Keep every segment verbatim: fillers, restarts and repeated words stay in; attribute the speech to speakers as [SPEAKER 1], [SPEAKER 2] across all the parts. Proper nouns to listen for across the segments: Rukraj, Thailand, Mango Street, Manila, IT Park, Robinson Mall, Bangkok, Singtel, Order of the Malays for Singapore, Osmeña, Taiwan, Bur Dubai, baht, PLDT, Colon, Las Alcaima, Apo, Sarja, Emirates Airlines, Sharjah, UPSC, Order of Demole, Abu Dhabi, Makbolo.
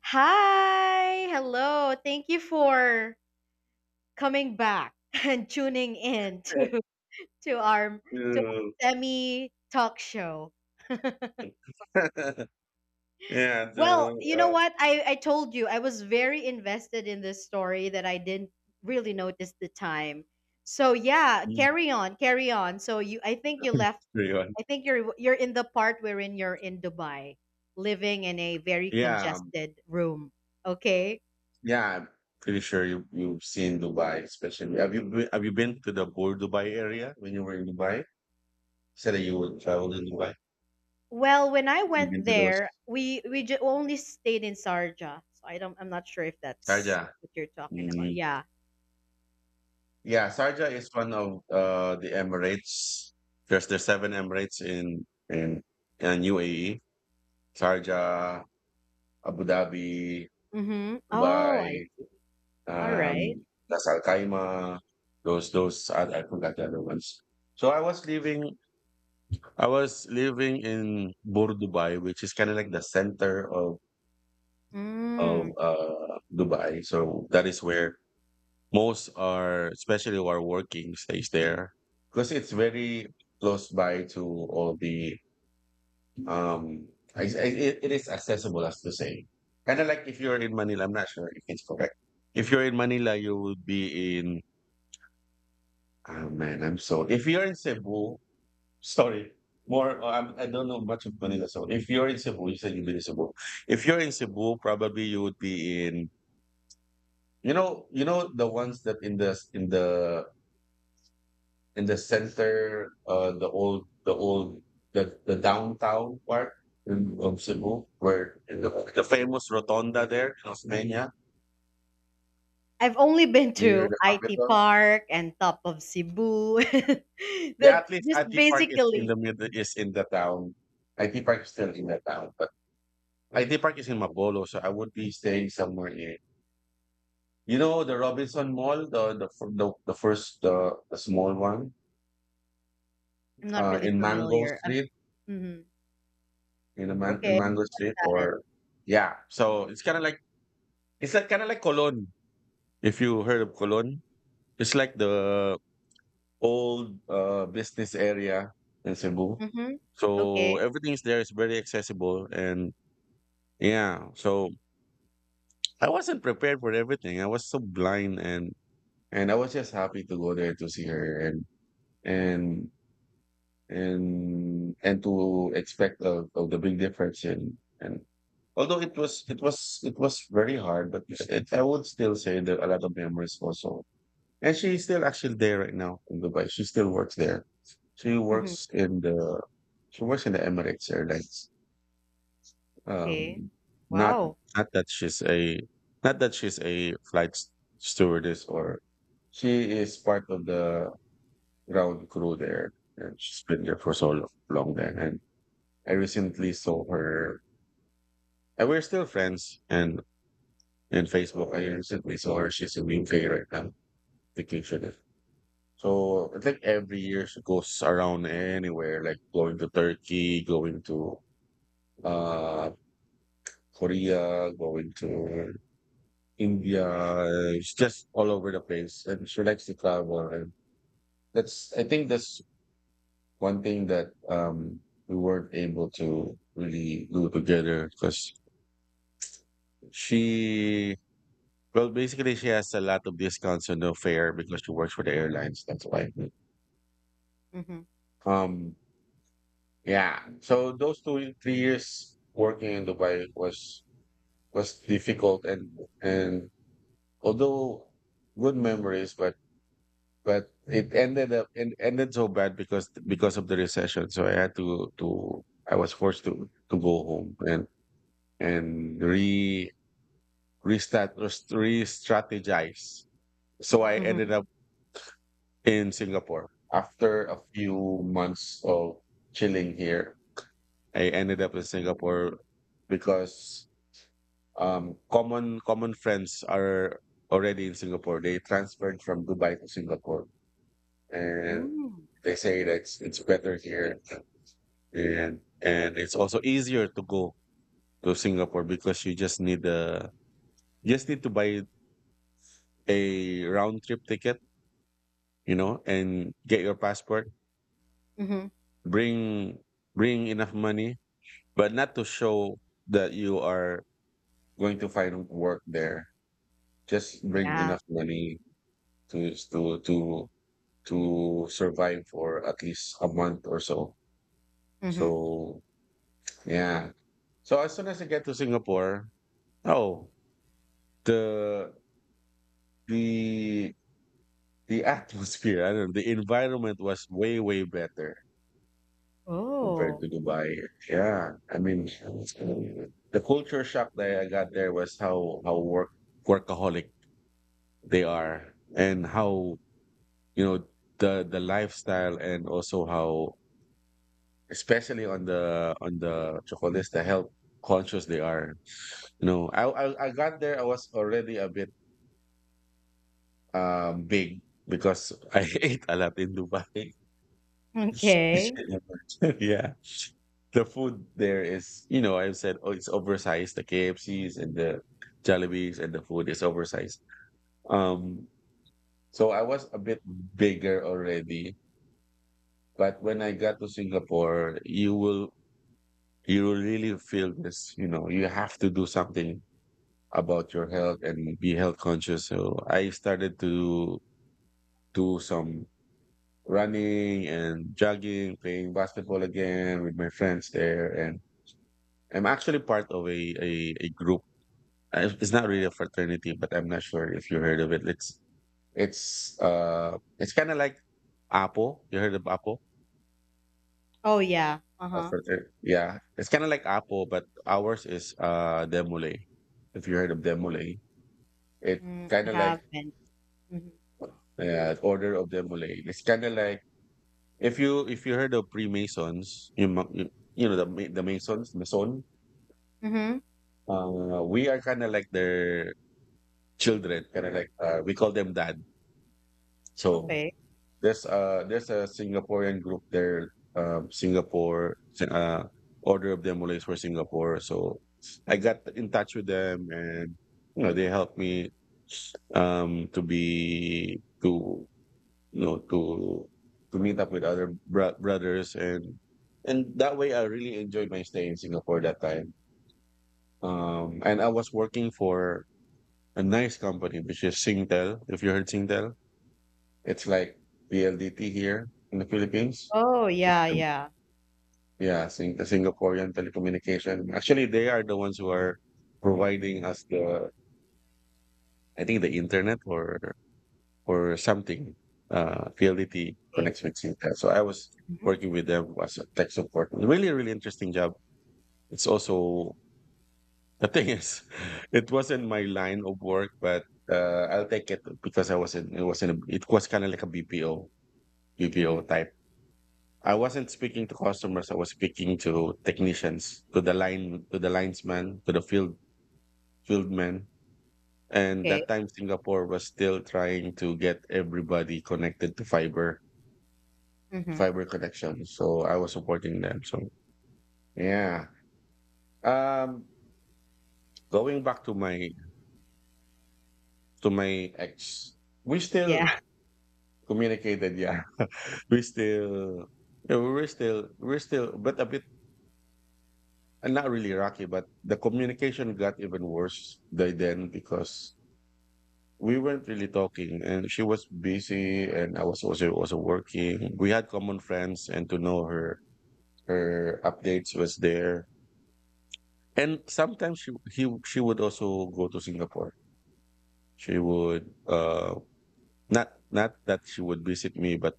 [SPEAKER 1] Hi, hello. Thank you for coming back and tuning in to, to our to
[SPEAKER 2] To
[SPEAKER 1] our semi talk show.
[SPEAKER 2] yeah
[SPEAKER 1] Well,
[SPEAKER 2] to
[SPEAKER 1] you know
[SPEAKER 2] uh,
[SPEAKER 1] what? I, I told you I was very invested in this story that I didn't really notice the time. So yeah,
[SPEAKER 2] mm,
[SPEAKER 1] carry on, carry on. So you I think you left
[SPEAKER 2] everyone.
[SPEAKER 1] I think you're you're in the part wherein you're in Dubai, living in a very
[SPEAKER 2] yeah um,
[SPEAKER 1] congested room. Okay?
[SPEAKER 2] yeah I'm pretty sure you, you've seen Dubai, especially. Have you been, have you been to the Bor Dubai area when you were in Dubai? Said that you would travel in Dubai.
[SPEAKER 1] Well, when I
[SPEAKER 2] You've been
[SPEAKER 1] went
[SPEAKER 2] to those,
[SPEAKER 1] there, we we ju- only stayed in Sarja, so I don't. I'm not sure if that's
[SPEAKER 2] Sharjah.
[SPEAKER 1] what you're talking
[SPEAKER 2] Mhm.
[SPEAKER 1] about. Yeah.
[SPEAKER 2] Yeah, Sharjah is one of uh, the Emirates. There's there's seven emirates in in in UAE: Sharjah, Abu Dhabi,
[SPEAKER 1] Mm-hmm. Oh, I
[SPEAKER 2] Dubai,
[SPEAKER 1] see. All right.
[SPEAKER 2] um, Las Alcaima. Those those I, I forgot the other ones. So I was living I was living in Bur Dubai, which is kind of like the center of of
[SPEAKER 1] Mm.
[SPEAKER 2] uh, Dubai. So that is where most are, especially who are working, stays there because it's very close by to all the. Um. I, I, it it is accessible, as to say. Kind of like, if you're in Manila, I'm not sure if it's correct. If you're in Manila, you would be in. Oh man, I'm so. If you're in Cebu, sorry, more. I'm, I don't know much of Manila. So if you're in Cebu, you said you've been in Cebu. If you're in Cebu, probably you would be in. You know, you know the ones that in the in the in the center, uh, the old the old, the the downtown part in- of Cebu, where the, the famous rotunda there in Osmeña
[SPEAKER 1] I've only been
[SPEAKER 2] near
[SPEAKER 1] to
[SPEAKER 2] the
[SPEAKER 1] I T
[SPEAKER 2] capital.
[SPEAKER 1] Park and top of Cebu.
[SPEAKER 2] Yeah,
[SPEAKER 1] That
[SPEAKER 2] at least
[SPEAKER 1] just
[SPEAKER 2] I T Park is in
[SPEAKER 1] basically.
[SPEAKER 2] the middle, is in the town. I T Park is still in the town, but I the park is in Makbolo, so I would be staying somewhere near. You know the Robinson Mall, the the fir- the, the first, the, the small one,
[SPEAKER 1] I'm not
[SPEAKER 2] uh,
[SPEAKER 1] really
[SPEAKER 2] in Mango
[SPEAKER 1] familiar. I've.
[SPEAKER 2] Street,
[SPEAKER 1] Mm-hmm.
[SPEAKER 2] in the man, in
[SPEAKER 1] Okay,
[SPEAKER 2] Mango Street,
[SPEAKER 1] got it.
[SPEAKER 2] or yeah. So it's kind of like it's like kind of like Colon. If you heard of Colon, it's like the old uh, business area in Cebu.
[SPEAKER 1] Mm-hmm.
[SPEAKER 2] So
[SPEAKER 1] Okay.
[SPEAKER 2] everything is there. It's very accessible. And yeah. So I wasn't prepared for everything. I was so blind. And And I was just happy to go there to see her, and and and and to expect of, of the big difference in. And although it was it was it was very hard, but it, I would still say that a lot of memories also. And she's still actually there right now in Dubai. She still works there. She works
[SPEAKER 1] Mm-hmm.
[SPEAKER 2] in the she works in the Emirates Airlines.
[SPEAKER 1] Okay.
[SPEAKER 2] Um, not
[SPEAKER 1] Wow.
[SPEAKER 2] not that she's a, not that she's a flight s- stewardess, or she is part of the ground crew there. And she's been there for so lo- long then. And I recently saw her. And we're still friends. And in Facebook, I recently saw her. She's in U K right now, vacationing. So I think every year she goes around anywhere, like going to Turkey, going to uh Korea, going to India. It's just all over the place. And she likes to travel. And that's, I think that's one thing that um we weren't able to really do together, because she well, basically she has a lot of discounts on the fare because she works for the airlines. That's why
[SPEAKER 1] Mm-hmm.
[SPEAKER 2] um yeah, so those two three years working in Dubai was was difficult. And and although good memories, but but it ended up and ended so bad because because of the recession. So I had to to i was forced to to go home and and re restat re-strategize. So I
[SPEAKER 1] Mm-hmm.
[SPEAKER 2] ended up in Singapore. After a few months of chilling here, I ended up in Singapore because um, common common friends are already in Singapore. They transferred from Dubai to Singapore, and
[SPEAKER 1] Mm.
[SPEAKER 2] they say that it's, it's better here, and and it's also easier to go to Singapore because you just need the, just need to buy a round trip ticket, you know, and get your passport.
[SPEAKER 1] Mm-hmm.
[SPEAKER 2] Bring bring enough money, but not to show that you are going to find work there. Just bring
[SPEAKER 1] Yeah.
[SPEAKER 2] enough money to to to to survive for at least a month or so.
[SPEAKER 1] Mm-hmm.
[SPEAKER 2] So yeah. So as soon as I get to Singapore, oh, the the the atmosphere, I don't know, the environment was way, way better compared
[SPEAKER 1] Oh.
[SPEAKER 2] to Dubai. Yeah, I mean, the culture shock that I got there was how how work workaholic they are, and how, you know the the lifestyle, and also how, especially on the on the chocolates, the health conscious they are. You know, I I, I got there, I was already a bit um big because I ate a lot in Dubai.
[SPEAKER 1] Okay.
[SPEAKER 2] yeah. The food there is, you know, I have said, oh, it's oversized. The K F Cs and the Jollibees and the food is oversized. Um, so I was a bit bigger already, but when I got to Singapore, you will you will really feel this. You know, you have to do something about your health and be health conscious. So I started to do some running and jogging, playing basketball again with my friends there, and I'm actually part of a a, a group. I, it's not really a fraternity, but I'm not sure if you heard of it. It's it's uh it's kind of like Apo. You heard of Apo?
[SPEAKER 1] Oh yeah.
[SPEAKER 2] A
[SPEAKER 1] Uh-huh.
[SPEAKER 2] frater- yeah, it's kind of like Apo, but ours is uh Demole. If you heard of Demole, it
[SPEAKER 1] Mm,
[SPEAKER 2] kind
[SPEAKER 1] I
[SPEAKER 2] of like,
[SPEAKER 1] have been. Mm-hmm.
[SPEAKER 2] uh, Order of Demole. It's kind of like, if you if you heard of Freemasons, you ma- you, you know the Ma- the Masons, Mason.
[SPEAKER 1] Mm-hmm.
[SPEAKER 2] Uh, we are kind of like their children, kind of like, uh, we call them dad. So
[SPEAKER 1] Okay.
[SPEAKER 2] There's a there's a Singaporean group there, um, Singapore, Sing- uh, Order of the Malays for Singapore. So I got in touch with them, and you know they helped me, um to be to you know to to meet up with other bro- brothers, and and that way I really enjoyed my stay in Singapore that time. Um, and I was working for a nice company, which is Singtel. If you heard Singtel. It's like P L D T here in the Philippines.
[SPEAKER 1] Oh
[SPEAKER 2] It's
[SPEAKER 1] yeah,
[SPEAKER 2] the,
[SPEAKER 1] yeah.
[SPEAKER 2] yeah, Sing- the Singaporean telecommunication. Actually, they are the ones who are providing us the, I think the internet or or something. Uh, P L D T
[SPEAKER 1] Okay.
[SPEAKER 2] connects with Singtel. So I was
[SPEAKER 1] Mm-hmm.
[SPEAKER 2] working with them as a tech support. Really, really interesting job. It's also the thing is, it wasn't my line of work, but uh, I'll take it because I was in it was in a, it was kind of like a B P O
[SPEAKER 1] Mm-hmm.
[SPEAKER 2] B P O type. I wasn't speaking to customers. I was speaking to technicians, to the line, to the linesman, to the field field men. And
[SPEAKER 1] Okay.
[SPEAKER 2] that time, Singapore was still trying to get everybody connected to fiber
[SPEAKER 1] Mm-hmm.
[SPEAKER 2] fiber connection. So I was supporting them. So yeah. Um, Going back to my to my ex, we still
[SPEAKER 1] Yeah.
[SPEAKER 2] communicated. Yeah, we still. Yeah, we were still, we we're still, but a bit, and not really rocky. But the communication got even worse by then because we weren't really talking, and she was busy and I was also also working. We had common friends, and to know her her updates was there. And sometimes she he she would also go to Singapore. She would uh not not that she would visit me, but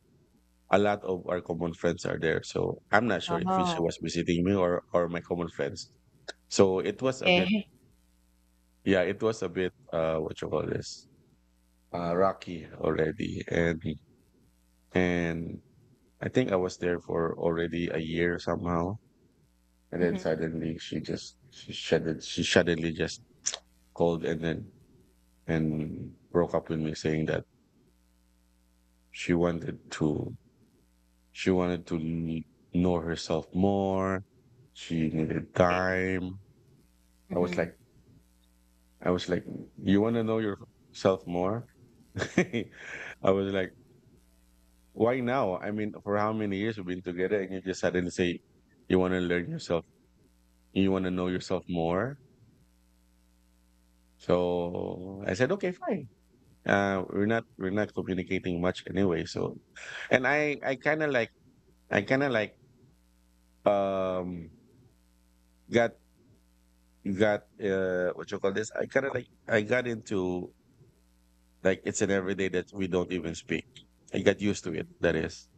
[SPEAKER 2] a lot of our common friends are there. So I'm not sure if she
[SPEAKER 1] Oh.
[SPEAKER 2] was visiting me or or my common friends. So it was a bit.
[SPEAKER 1] Okay.
[SPEAKER 2] Yeah, it was a bit, uh what you call this, uh rocky already, and and I think I was there for already a year somehow, and then
[SPEAKER 1] Mm-hmm.
[SPEAKER 2] suddenly she just she shuddered, she suddenly just called and then and broke up with me, saying that she wanted to she wanted to kn- know herself more. She needed
[SPEAKER 1] Okay.
[SPEAKER 2] time. I was
[SPEAKER 1] Mm-hmm.
[SPEAKER 2] like I was like, you want to know yourself more? I was like, why now? I mean, for how many years we've been together, and you just suddenly say you want to learn yourself, you want to know yourself more. So I said, okay, fine. Uh, we're not we're not communicating much anyway. So, and I I kind of like I kind of like, um got got, uh what you call this? I kind of like I got into like, it's an everyday that we don't even speak. I got used to it. That is,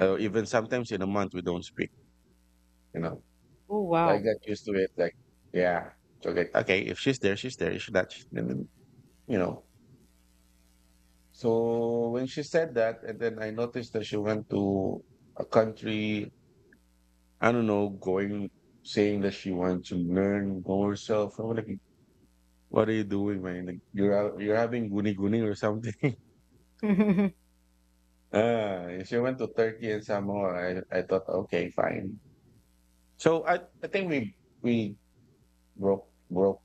[SPEAKER 2] uh, even sometimes in a month we don't speak. You know.
[SPEAKER 1] Oh
[SPEAKER 2] I
[SPEAKER 1] wow.
[SPEAKER 2] got used to it. Like, yeah, so like, okay, if she's there, she's there. If she's not, she's- then, then, you know. So when she said that, and then I noticed that she went to a country, I don't know, going, saying that she wanted to learn, know herself. I'm like, what are you doing, man? Like, you're out, you're having guni guni or something. ah, and she went to Turkey and Samoa. I, I thought, okay, fine. So I, I think we we broke broke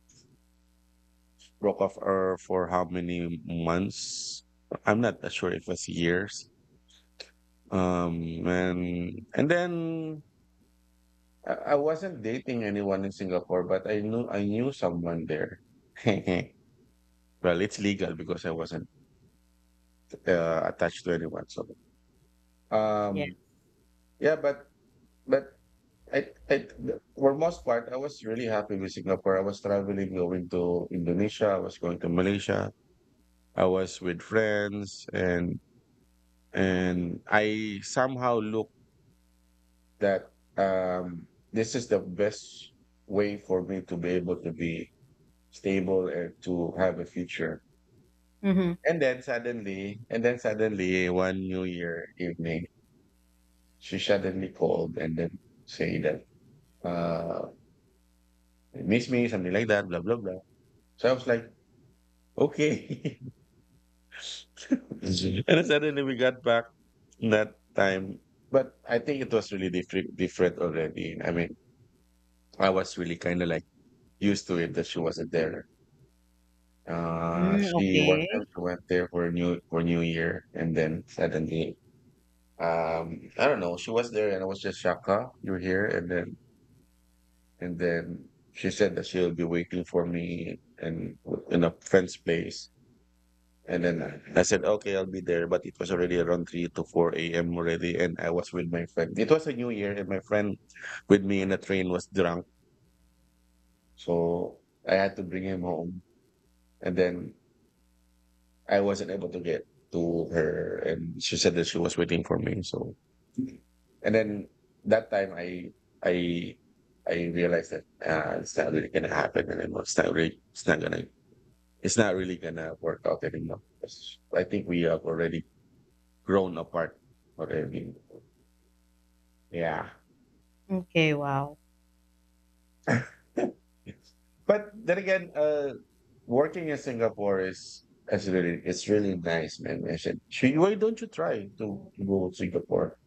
[SPEAKER 2] broke off her for how many months? I'm not that sure if it was years. Um, and and then I, I wasn't dating anyone in Singapore, but I knew I knew someone there. Well, it's legal because I wasn't uh, attached to anyone. So,
[SPEAKER 1] Yeah.
[SPEAKER 2] um, yeah, but but I, I for most part, I was really happy with Singapore. I was traveling, going to Indonesia. I was going to Malaysia. I was with friends, and and I somehow look that um, this is the best way for me to be able to be stable and to have a future.
[SPEAKER 1] Mm-hmm.
[SPEAKER 2] And then suddenly, and then suddenly, one New Year evening, she suddenly called and then say that uh, miss me, something like that, blah blah blah. So I was like, okay. And then suddenly we got back that time, but I think it was really different, different already. I mean, I was really kind of like used to it that she wasn't there. Uh,
[SPEAKER 1] Mm,
[SPEAKER 2] she one
[SPEAKER 1] okay.
[SPEAKER 2] time she went there for new for New Year, and then suddenly, um, I don't know. She was there, and I was just shocked. Huh? You're here, and then and then she said that she'll be waiting for me and in a friend's place. And then I I said, okay, I'll be there. But it was already around three to four a m already. And I was with my friend. It was a new year, and my friend with me in the train was drunk. So I had to bring him home. And then I wasn't able to get to her, and she said that she was waiting for me. So, and then that time I I I realized that uh, it's not really gonna happen, and then it's not really it's not gonna it's not really gonna work out anymore. 'Cause I think we have already grown apart already. Yeah.
[SPEAKER 1] Okay. Wow.
[SPEAKER 2] But then again, uh, working in Singapore is is really it's really nice, man. I said, "Should- why don't you try to, to go to Singapore?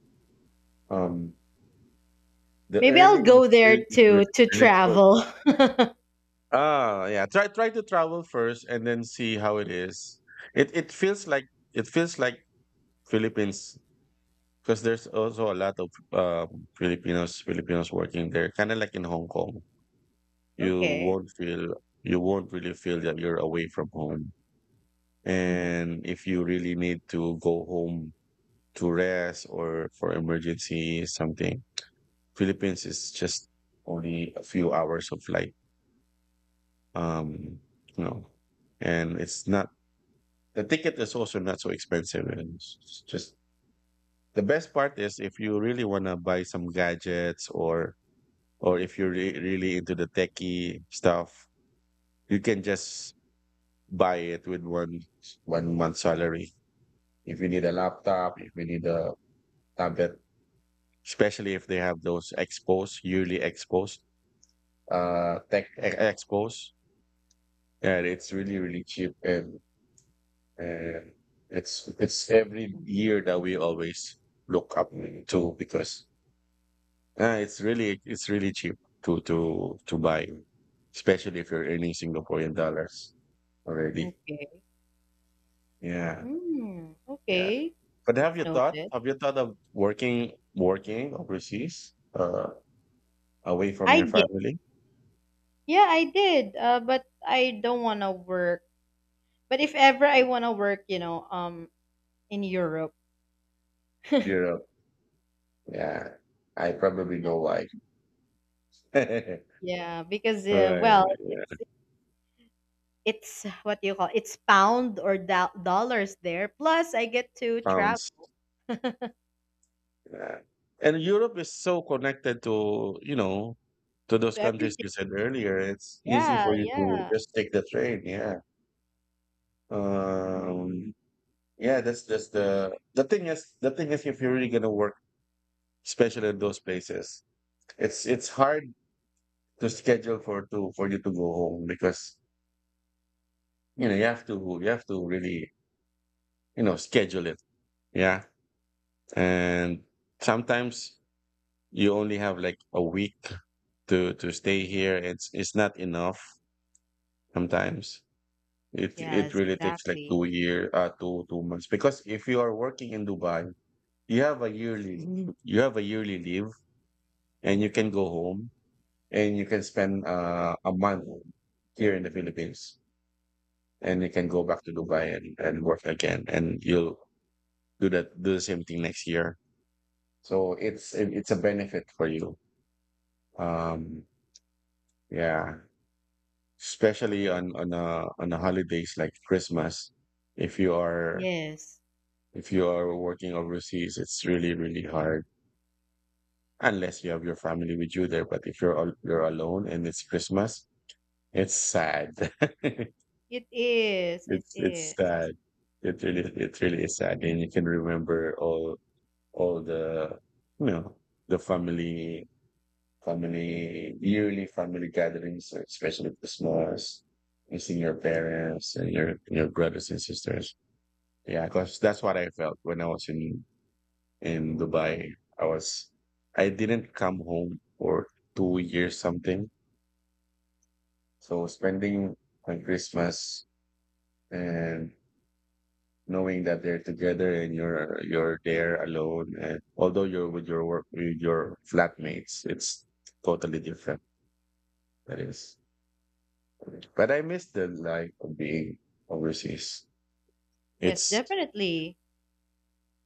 [SPEAKER 2] Um, the
[SPEAKER 1] Maybe I'll
[SPEAKER 2] earning is
[SPEAKER 1] go there
[SPEAKER 2] still re-
[SPEAKER 1] to to
[SPEAKER 2] really good."
[SPEAKER 1] travel.
[SPEAKER 2] Ah, yeah. Try try to travel first and then see how it is. It it feels like it feels like Philippines because there's also a lot of um, Filipinos Filipinos working there, kind of like in Hong Kong. You
[SPEAKER 1] Okay.
[SPEAKER 2] won't feel you won't really feel that you're away from home.
[SPEAKER 1] Mm-hmm.
[SPEAKER 2] And if you really need to go home to rest or for emergency something, Philippines is just only a few hours of flight. Um, you know, and it's not the ticket is also not so expensive. And it's just the best part is if you really want to buy some gadgets or or if you're re- really into the techie stuff, you can just buy it with one one month salary. If you need a laptop, if you need a tablet, especially if they have those expos yearly expos, uh, tech e- expos, and it's really really cheap and And it's it's every year that we always look up to because uh, it's really it's really cheap to to to buy, especially if you're earning Singaporean dollars already.
[SPEAKER 1] Okay.
[SPEAKER 2] Yeah,
[SPEAKER 1] Mm,
[SPEAKER 2] yeah.
[SPEAKER 1] okay.
[SPEAKER 2] But have
[SPEAKER 1] That's
[SPEAKER 2] you thought
[SPEAKER 1] noted.
[SPEAKER 2] have you thought of working working overseas, uh, away from
[SPEAKER 1] I
[SPEAKER 2] your family?
[SPEAKER 1] Yeah, I did. Uh, but I don't want to work. But if ever I want to work, you know, um, in Europe,
[SPEAKER 2] Europe. Yeah, I probably know why. Right.
[SPEAKER 1] yeah, because uh, well,
[SPEAKER 2] Yeah.
[SPEAKER 1] it's it's what do you call, it's pound or do- dollars there. Plus, I get to
[SPEAKER 2] Pounds.
[SPEAKER 1] travel
[SPEAKER 2] Yeah. And Europe is so connected to, you know, to those
[SPEAKER 1] to
[SPEAKER 2] countries
[SPEAKER 1] everything.
[SPEAKER 2] you said earlier. It's easy
[SPEAKER 1] Yeah,
[SPEAKER 2] for you to
[SPEAKER 1] yeah,
[SPEAKER 2] just take the train. Yeah. Um, yeah, that's just the the thing is the thing is if you're really gonna work, especially in those places, it's it's hard to schedule for to for you to go home because you know you have to you have to really, you know, schedule it. Yeah. And sometimes you only have like a week to to stay here. It's it's not enough. Sometimes it it
[SPEAKER 1] yes,
[SPEAKER 2] really takes like
[SPEAKER 1] exactly.
[SPEAKER 2] two year uh two two months because if you are working in Dubai, you have a yearly leave. You have a yearly leave and you can go home and you can spend uh, a month here in the Philippines and you can go back to Dubai and, and work again and you'll do that do the same thing next year. So it's it- it's a benefit for you. Um yeah. Especially on on a on a holidays like Christmas, if you are
[SPEAKER 1] Yes,
[SPEAKER 2] if you are working overseas, it's really, really hard unless you have your family with you there. But if you're al- you're alone and it's Christmas, it's sad.
[SPEAKER 1] it is. It
[SPEAKER 2] It's it's
[SPEAKER 1] is.
[SPEAKER 2] sad. It really it really is sad, and you can remember all all the you know, the family family yearly family gatherings, especially Christmas, missing your parents and your your brothers and sisters. Yeah, because that's what I felt when I was in in Dubai. I was I didn't come home for two years something. So spending on Christmas and knowing that they're together and you're you're there alone and although you're with your work with your flatmates, it's totally different. That is. But I miss the life of being overseas.
[SPEAKER 1] Yes,
[SPEAKER 2] It's
[SPEAKER 1] definitely.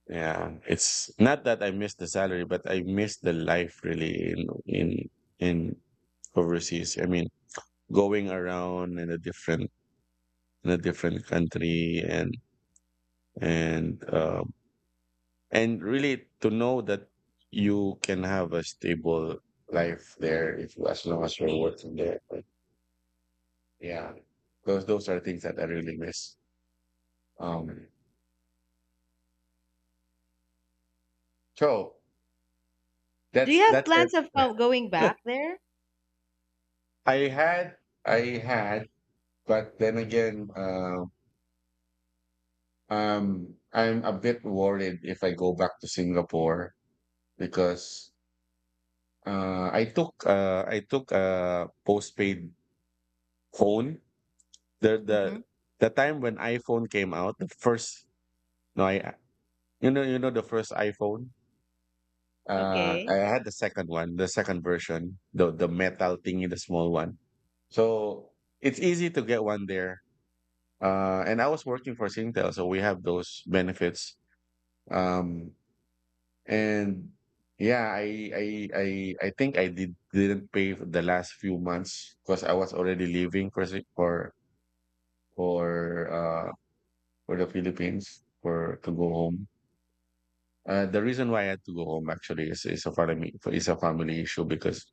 [SPEAKER 2] yeah, it's not that I miss the salary, but I miss the life really in in in overseas. I mean going around in a different in a different country and and um, and really to know that you can have a stable life there if you as long as you're working there. But yeah, those those are things that I really miss. Um, so
[SPEAKER 1] Do you
[SPEAKER 2] that's
[SPEAKER 1] have
[SPEAKER 2] that's
[SPEAKER 1] plans
[SPEAKER 2] it.
[SPEAKER 1] of uh, going back there?
[SPEAKER 2] I had, I had, but then again, uh, um, I'm a bit worried if I go back to Singapore because Uh, I took uh, I took a postpaid phone. The the
[SPEAKER 1] Mm-hmm.
[SPEAKER 2] the time when iPhone came out, the first no, I you know, you know the first iPhone. Uh, I
[SPEAKER 1] Okay.
[SPEAKER 2] had the second one, the second version, the the metal thingy, the small one. So it's easy to get one there. Uh, and I was working for Singtel, so we have those benefits. Um, And Yeah, I I I I think I did didn't pay for the last few months because I was already leaving for Sing- for for uh for the Philippines for to go home. Uh, the reason why I had to go home actually is is a family is a family issue because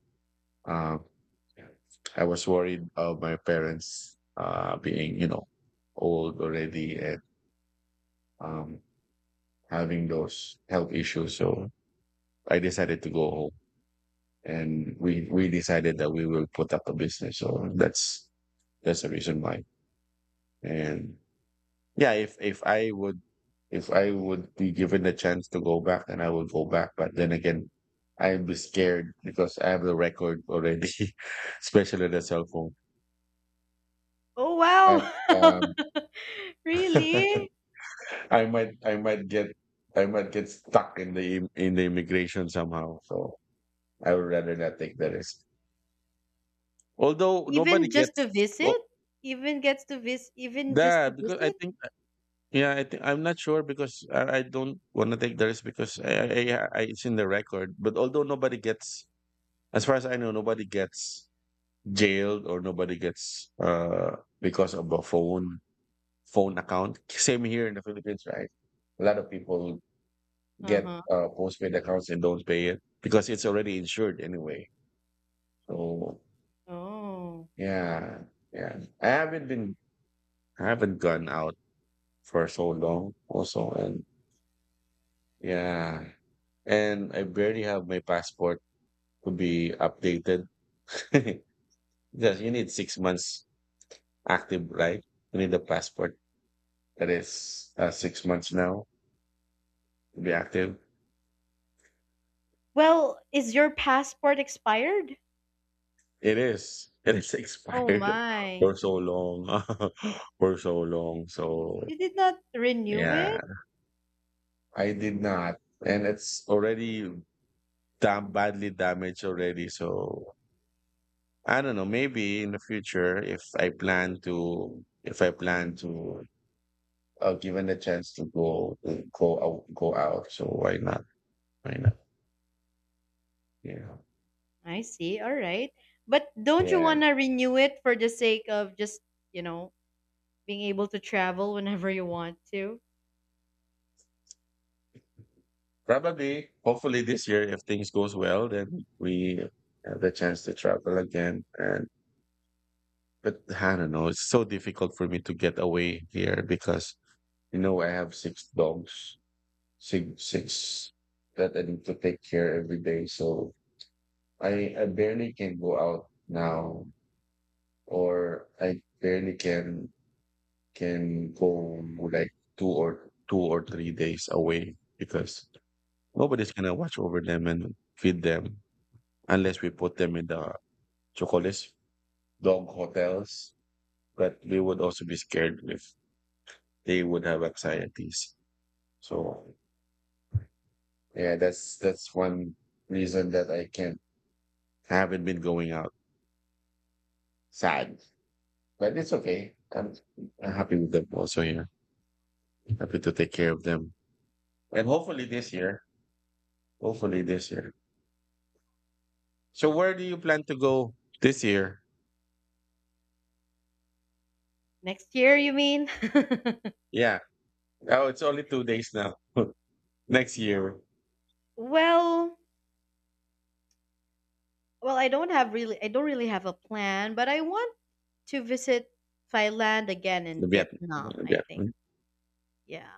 [SPEAKER 2] um I was worried of my parents uh being, you know, old already and um having those health issues, so I decided to go home. And we we decided that we will put up a business, so that's that's the reason why. And yeah, if if I would if i would be given the chance to go back, then I would go back. But then again, I'd be scared because I have the record already. Especially the cell phone.
[SPEAKER 1] Oh
[SPEAKER 2] But
[SPEAKER 1] wow!
[SPEAKER 2] um
[SPEAKER 1] Really?
[SPEAKER 2] i might i might get I might get stuck in the im- in the immigration somehow, so I would rather not take the risk. Although nobody
[SPEAKER 1] Even just to
[SPEAKER 2] gets
[SPEAKER 1] visit?
[SPEAKER 2] oh,
[SPEAKER 1] Even gets to visit. Even just
[SPEAKER 2] yeah,
[SPEAKER 1] to
[SPEAKER 2] because I
[SPEAKER 1] visit?
[SPEAKER 2] think yeah, I think I'm not sure because I, I don't want to take the risk because I, I, I I- it's in the record. But although nobody gets, as far as I know, nobody gets jailed or nobody gets uh because of a phone phone account. Same here in the Philippines, right? A lot of people get
[SPEAKER 1] Uh-huh.
[SPEAKER 2] uh postpaid accounts and don't pay it because it's already insured anyway. So
[SPEAKER 1] Oh.
[SPEAKER 2] yeah, yeah. I haven't been, I haven't gone out for so long also, and yeah. And I barely have my passport to be updated. Because you need six months active, right? You need a passport that is uh, six months now to be active.
[SPEAKER 1] Well, is your passport expired?
[SPEAKER 2] It is. It is
[SPEAKER 1] Oh
[SPEAKER 2] expired
[SPEAKER 1] my.
[SPEAKER 2] for so long, for so long. So
[SPEAKER 1] You did not renew
[SPEAKER 2] yeah,
[SPEAKER 1] it?
[SPEAKER 2] I did not, and it's already damn badly damaged already. So I don't know. Maybe in the future, if I plan to, if I plan to, uh, given the chance to go to go out, go out. So why not? Why not? Yeah,
[SPEAKER 1] I see. All right. But don't you
[SPEAKER 2] yeah.
[SPEAKER 1] want to renew it for the sake of just, you know, being able to travel whenever you want to?
[SPEAKER 2] Probably, hopefully this year, if things goes well, then we have the chance to travel again. And but I don't know. It's so difficult for me to get away here because you know I have six dogs, six six that I need to take care every day. So I I barely can go out now, or I barely can can go like two or two or three days away because nobody's gonna watch over them and feed them unless we put them in the chocolate dog hotels. But we would also be scared if they would have anxieties. So yeah, that's that's one reason that I can't haven't been going out. Sad. But it's okay. I'm, I'm happy with them also here. Happy to take care of them. And hopefully this year, hopefully this year, so where do you plan to go this year?
[SPEAKER 1] Next year, you mean?
[SPEAKER 2] Yeah. Oh, it's only two days now. Next year,
[SPEAKER 1] Well, Well, I don't have really I don't really have a plan, but I want to visit Thailand again
[SPEAKER 2] the
[SPEAKER 1] and
[SPEAKER 2] Vietnam.
[SPEAKER 1] Vietnam, I think.
[SPEAKER 2] Vietnam.
[SPEAKER 1] Yeah.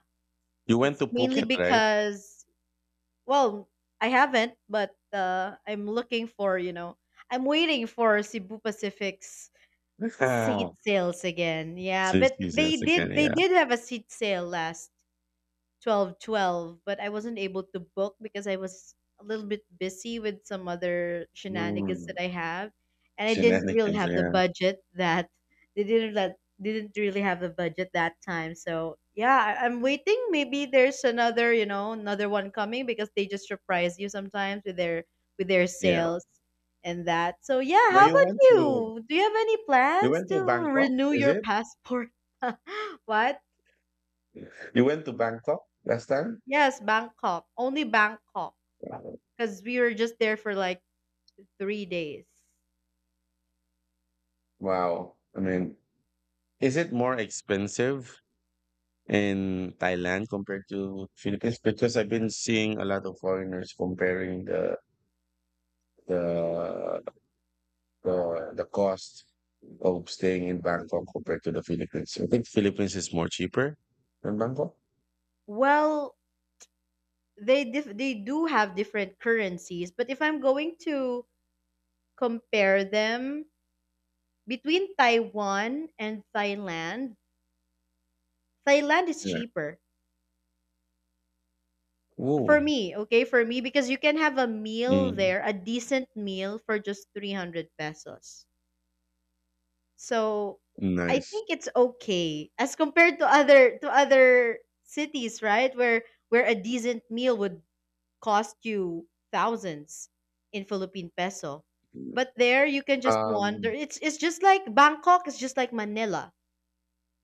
[SPEAKER 2] You went
[SPEAKER 1] It's
[SPEAKER 2] to
[SPEAKER 1] mainly
[SPEAKER 2] Phuket, right?
[SPEAKER 1] because, well, I haven't, but uh, I'm looking for, you know, I'm waiting for Cebu Pacific's seat
[SPEAKER 2] Oh,
[SPEAKER 1] sales again. Yeah,
[SPEAKER 2] she's
[SPEAKER 1] but they
[SPEAKER 2] Jesus again.
[SPEAKER 1] did they
[SPEAKER 2] Yeah.
[SPEAKER 1] did have a seat sale last Twelve, twelve. But I wasn't able to book because I was a little bit busy with some other shenanigans that
[SPEAKER 2] Mm.
[SPEAKER 1] I have, and I didn't really
[SPEAKER 2] Shenanigans.
[SPEAKER 1] have the
[SPEAKER 2] Yeah.
[SPEAKER 1] budget that they didn't that didn't really have the budget that time. So yeah, I, i'm waiting. Maybe there's another you know another one coming because they just surprise you sometimes with their with their
[SPEAKER 2] Yeah.
[SPEAKER 1] sales and that. So yeah,
[SPEAKER 2] But
[SPEAKER 1] how
[SPEAKER 2] you
[SPEAKER 1] about
[SPEAKER 2] went to
[SPEAKER 1] you, do you have any
[SPEAKER 2] you
[SPEAKER 1] plans
[SPEAKER 2] went
[SPEAKER 1] to
[SPEAKER 2] to Bangkok,
[SPEAKER 1] renew
[SPEAKER 2] is
[SPEAKER 1] your
[SPEAKER 2] it?
[SPEAKER 1] passport? What?
[SPEAKER 2] You went to Bangkok last time?
[SPEAKER 1] Yes, Bangkok. Only Bangkok because we were just there for like three days.
[SPEAKER 2] Wow. I mean, is it more expensive in Thailand compared to Philippines? Because I've been seeing a lot of foreigners comparing the the the the cost of staying in Bangkok compared to the Philippines. I think Philippines is more cheaper than Bangkok.
[SPEAKER 1] Well, they dif- they do have different currencies, but if I'm going to compare them between Taiwan and Thailand, Thailand is
[SPEAKER 2] Yeah.
[SPEAKER 1] cheaper for
[SPEAKER 2] Ooh,
[SPEAKER 1] me, okay? For me, because you can have a meal
[SPEAKER 2] mm,
[SPEAKER 1] there, a decent meal for just three hundred pesos. So I
[SPEAKER 2] nice.
[SPEAKER 1] think it's okay as compared to other to other cities, right? Where where a decent meal would cost you thousands in Philippine peso. But there you can just
[SPEAKER 2] Um,
[SPEAKER 1] wander. It's it's just like Bangkok, it's just like Manila.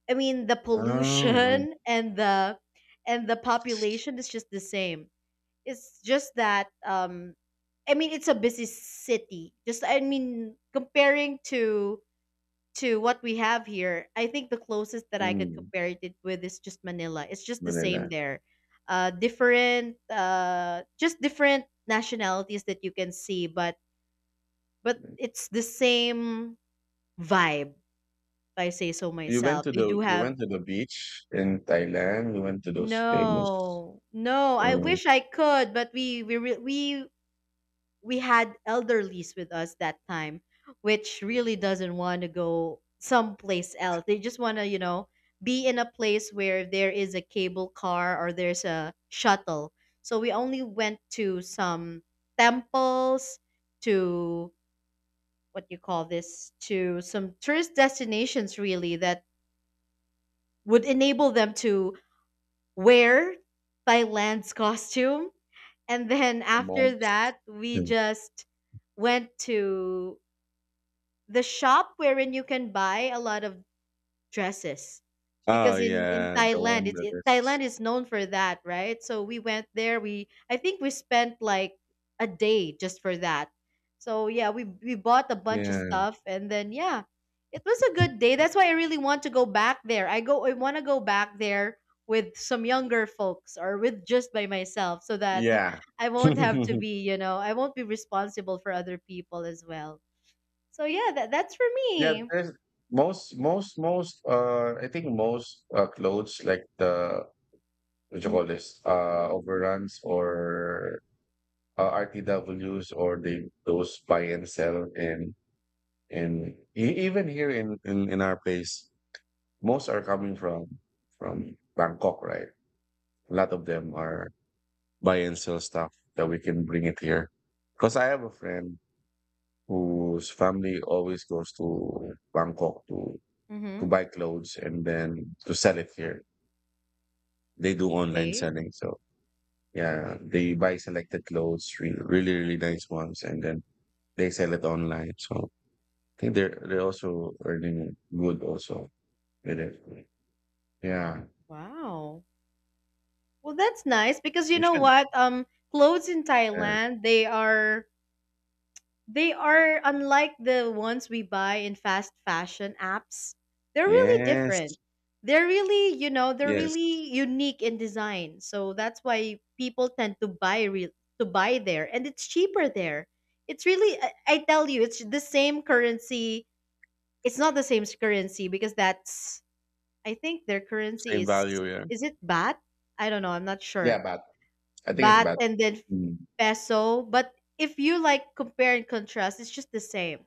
[SPEAKER 1] I mean the
[SPEAKER 2] oh,
[SPEAKER 1] pollution and the and the population is just the same. It's just that um I mean it's a busy city. Just, I mean, comparing to to what we have here, I think the closest that I could
[SPEAKER 2] mm,
[SPEAKER 1] compare it with is just Manila. It's just the same
[SPEAKER 2] Manila.
[SPEAKER 1] there. Uh, different, uh, just different nationalities that you can see, but but it's the same vibe. If I say so
[SPEAKER 2] You went
[SPEAKER 1] myself.
[SPEAKER 2] to
[SPEAKER 1] They
[SPEAKER 2] the
[SPEAKER 1] do
[SPEAKER 2] you
[SPEAKER 1] have
[SPEAKER 2] went to the beach in Thailand. You went to those famous
[SPEAKER 1] no, no. I
[SPEAKER 2] uh,
[SPEAKER 1] wish I could, but we we re- we we had elderlies with us that time, which really doesn't want to go someplace else. They just want to, you know, be in a place where there is a cable car or there's a shuttle. So we only went to some temples, to what you call this, to some tourist destinations really that would enable them to wear Thailand's costume. And then after
[SPEAKER 2] monks.
[SPEAKER 1] that, we
[SPEAKER 2] Mm.
[SPEAKER 1] just went to the shop wherein you can buy a lot of dresses
[SPEAKER 2] Oh
[SPEAKER 1] because in in
[SPEAKER 2] yeah, the
[SPEAKER 1] Thailand
[SPEAKER 2] one
[SPEAKER 1] it's
[SPEAKER 2] that
[SPEAKER 1] it,
[SPEAKER 2] is
[SPEAKER 1] Thailand is known for that, right? So we went there. We I think we spent like a day just for that. So yeah, we we bought a bunch of
[SPEAKER 2] yeah,
[SPEAKER 1] stuff, and then yeah, it was a good day. That's why I really want to go back there. I go I want to go back there with some younger folks or with just by myself, so that
[SPEAKER 2] yeah.
[SPEAKER 1] I won't have to be, you know I won't be responsible for other people as well. So yeah, that that's for
[SPEAKER 2] Yeah,
[SPEAKER 1] me.
[SPEAKER 2] there's most most most uh I think most uh clothes like the what you call this uh overruns or uh, R T Ws or they those buy and sell in in e- even here in, in in our place most are coming from from Bangkok, right? A lot of them are buy and sell stuff that we can bring it here because I have a friend whose family always goes to Bangkok to to
[SPEAKER 1] Mm-hmm.
[SPEAKER 2] buy clothes and then to sell it here. They do online
[SPEAKER 1] Okay.
[SPEAKER 2] selling. So yeah, they buy selected clothes, re- really, really nice ones, and then they sell it online. So I think they're they're also earning good also with it. Yeah.
[SPEAKER 1] Wow. Well, that's nice because you
[SPEAKER 2] We
[SPEAKER 1] know
[SPEAKER 2] should.
[SPEAKER 1] what? Um, clothes in
[SPEAKER 2] Uh,
[SPEAKER 1] Thailand, they are they are unlike the ones we buy in fast fashion apps. They're really different.
[SPEAKER 2] yes.
[SPEAKER 1] They're really, you know, they're
[SPEAKER 2] Yes.
[SPEAKER 1] really unique in design. So that's why people tend to buy re- to buy there, and it's cheaper there. It's really I, I tell you, it's the same currency. It's not the same currency because that's, I think, their currency
[SPEAKER 2] Same
[SPEAKER 1] is
[SPEAKER 2] value, yeah.
[SPEAKER 1] is it baht? I don't know. I'm not
[SPEAKER 2] Yeah,
[SPEAKER 1] sure.
[SPEAKER 2] but I think it's
[SPEAKER 1] Baht
[SPEAKER 2] bad.
[SPEAKER 1] and then
[SPEAKER 2] Mm.
[SPEAKER 1] peso, but if you like compare and contrast, it's just the same.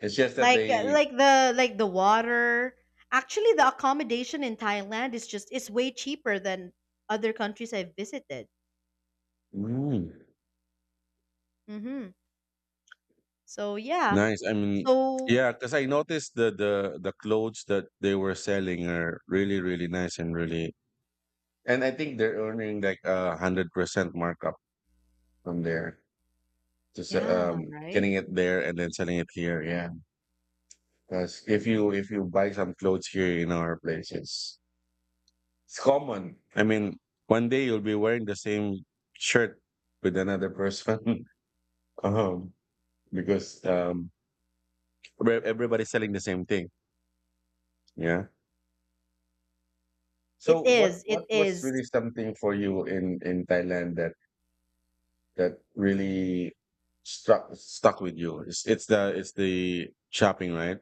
[SPEAKER 2] It's just that
[SPEAKER 1] Like uh,
[SPEAKER 2] they
[SPEAKER 1] like the like the water. Actually, the accommodation in Thailand is just it's way cheaper than other countries I've visited.
[SPEAKER 2] Mm.
[SPEAKER 1] Mm-hmm. So yeah.
[SPEAKER 2] Nice. I mean,
[SPEAKER 1] So
[SPEAKER 2] yeah, because I noticed the the the clothes that they were selling are really really nice and really, and I think they're earning like a hundred percent markup from there. Just
[SPEAKER 1] yeah,
[SPEAKER 2] um,
[SPEAKER 1] right.
[SPEAKER 2] getting it there and then selling it here. Yeah, because if you if you buy some clothes here in our place, it's it's common. I mean, one day you'll be wearing the same shirt with another person, um, because um, everybody's selling the same thing. Yeah. So
[SPEAKER 1] It
[SPEAKER 2] what
[SPEAKER 1] is. It
[SPEAKER 2] what was
[SPEAKER 1] is.
[SPEAKER 2] really something for you in in Thailand that that really struck stuck with you? It's it's the it's the shopping, right?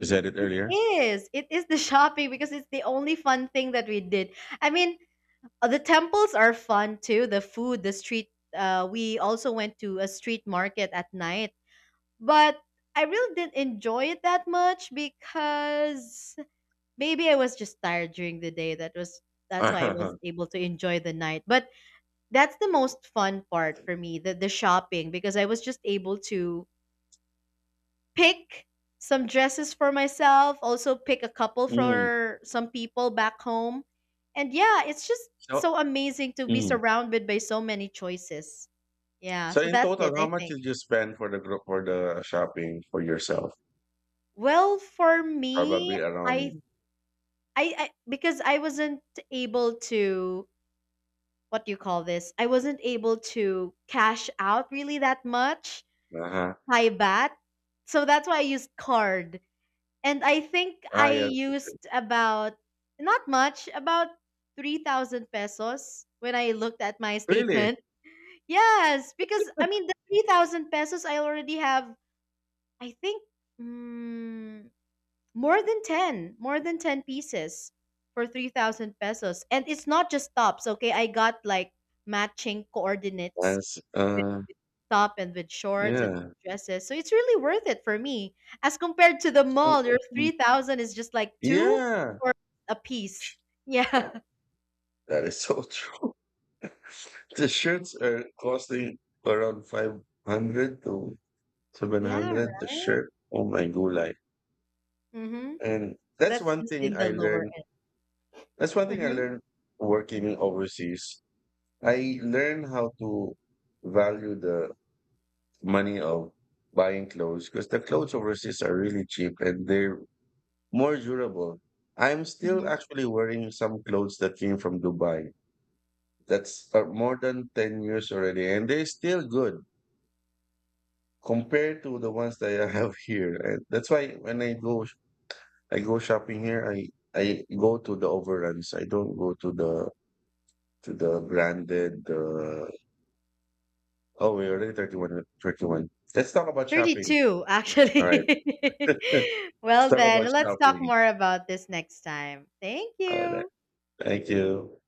[SPEAKER 2] You said it
[SPEAKER 1] It
[SPEAKER 2] earlier.
[SPEAKER 1] is. It is the shopping because it's the only fun thing that we did. I mean, Uh, the temples are fun too. The food, the street. Uh, we also went to a street market at night, but I really didn't enjoy it that much because maybe I was just tired during the day. That was that's why I wasn't able to enjoy the night. But that's the most fun part for me, the the shopping, because I was just able to pick some dresses for myself, also pick a couple
[SPEAKER 2] Mm.
[SPEAKER 1] for some people back home. And yeah, it's just
[SPEAKER 2] So
[SPEAKER 1] so amazing to be
[SPEAKER 2] mm.
[SPEAKER 1] surrounded by so many choices. Yeah,
[SPEAKER 2] So
[SPEAKER 1] so
[SPEAKER 2] in
[SPEAKER 1] that's it,
[SPEAKER 2] total, how
[SPEAKER 1] I
[SPEAKER 2] much
[SPEAKER 1] think.
[SPEAKER 2] did you spend for the group for the shopping for yourself?
[SPEAKER 1] Well, for
[SPEAKER 2] Probably
[SPEAKER 1] me, I
[SPEAKER 2] around
[SPEAKER 1] I, I because I wasn't able to, what do you call this? I wasn't able to cash out really that much.
[SPEAKER 2] uh-huh.
[SPEAKER 1] Buy bat. So that's why I used card. And I think
[SPEAKER 2] Ah
[SPEAKER 1] I
[SPEAKER 2] yeah.
[SPEAKER 1] used about not much, about three thousand pesos when I looked at my
[SPEAKER 2] Really?
[SPEAKER 1] statement. Yes, because I mean, the three thousand pesos I already have, I think, mm, more than ten, more than ten pieces for three thousand pesos. And it's not just tops, okay? I got like matching coordinates
[SPEAKER 2] That's uh,
[SPEAKER 1] top and with shorts and
[SPEAKER 2] yeah.
[SPEAKER 1] dresses. So it's really worth it for me. As compared to the
[SPEAKER 2] So,
[SPEAKER 1] mall, your
[SPEAKER 2] hmm.
[SPEAKER 1] three thousand is just like two
[SPEAKER 2] Yeah.
[SPEAKER 1] or a piece. Yeah.
[SPEAKER 2] That is so true. The shirts are costing around five hundred to
[SPEAKER 1] Yeah,
[SPEAKER 2] seven hundred the
[SPEAKER 1] right?
[SPEAKER 2] shirt. Oh my god!
[SPEAKER 1] Mm-hmm.
[SPEAKER 2] And
[SPEAKER 1] And
[SPEAKER 2] that's
[SPEAKER 1] that's
[SPEAKER 2] one
[SPEAKER 1] just
[SPEAKER 2] thing
[SPEAKER 1] in the
[SPEAKER 2] I
[SPEAKER 1] lower
[SPEAKER 2] learned. That's one thing I
[SPEAKER 1] end.
[SPEAKER 2] learned working overseas. I learned how to value the money of buying clothes because the clothes overseas are really cheap and they're more durable. I'm
[SPEAKER 1] hmm
[SPEAKER 2] still
[SPEAKER 1] hmm
[SPEAKER 2] actually wearing some clothes that came from Dubai. That's uh, more than ten years already and they're still good, compared to the ones that I have here. And that's why when I go I go shopping here, I I go to the overruns. I don't go to the to the branded. Uh, oh, we already thirty-one, thirty-one. Let's talk about shopping.
[SPEAKER 1] thirty-two,
[SPEAKER 2] All right.
[SPEAKER 1] actually.
[SPEAKER 2] Let's
[SPEAKER 1] Well,
[SPEAKER 2] talk about
[SPEAKER 1] then, let's talk
[SPEAKER 2] shopping.
[SPEAKER 1] more about this next time. Thank
[SPEAKER 2] All right.
[SPEAKER 1] you.
[SPEAKER 2] Thank you.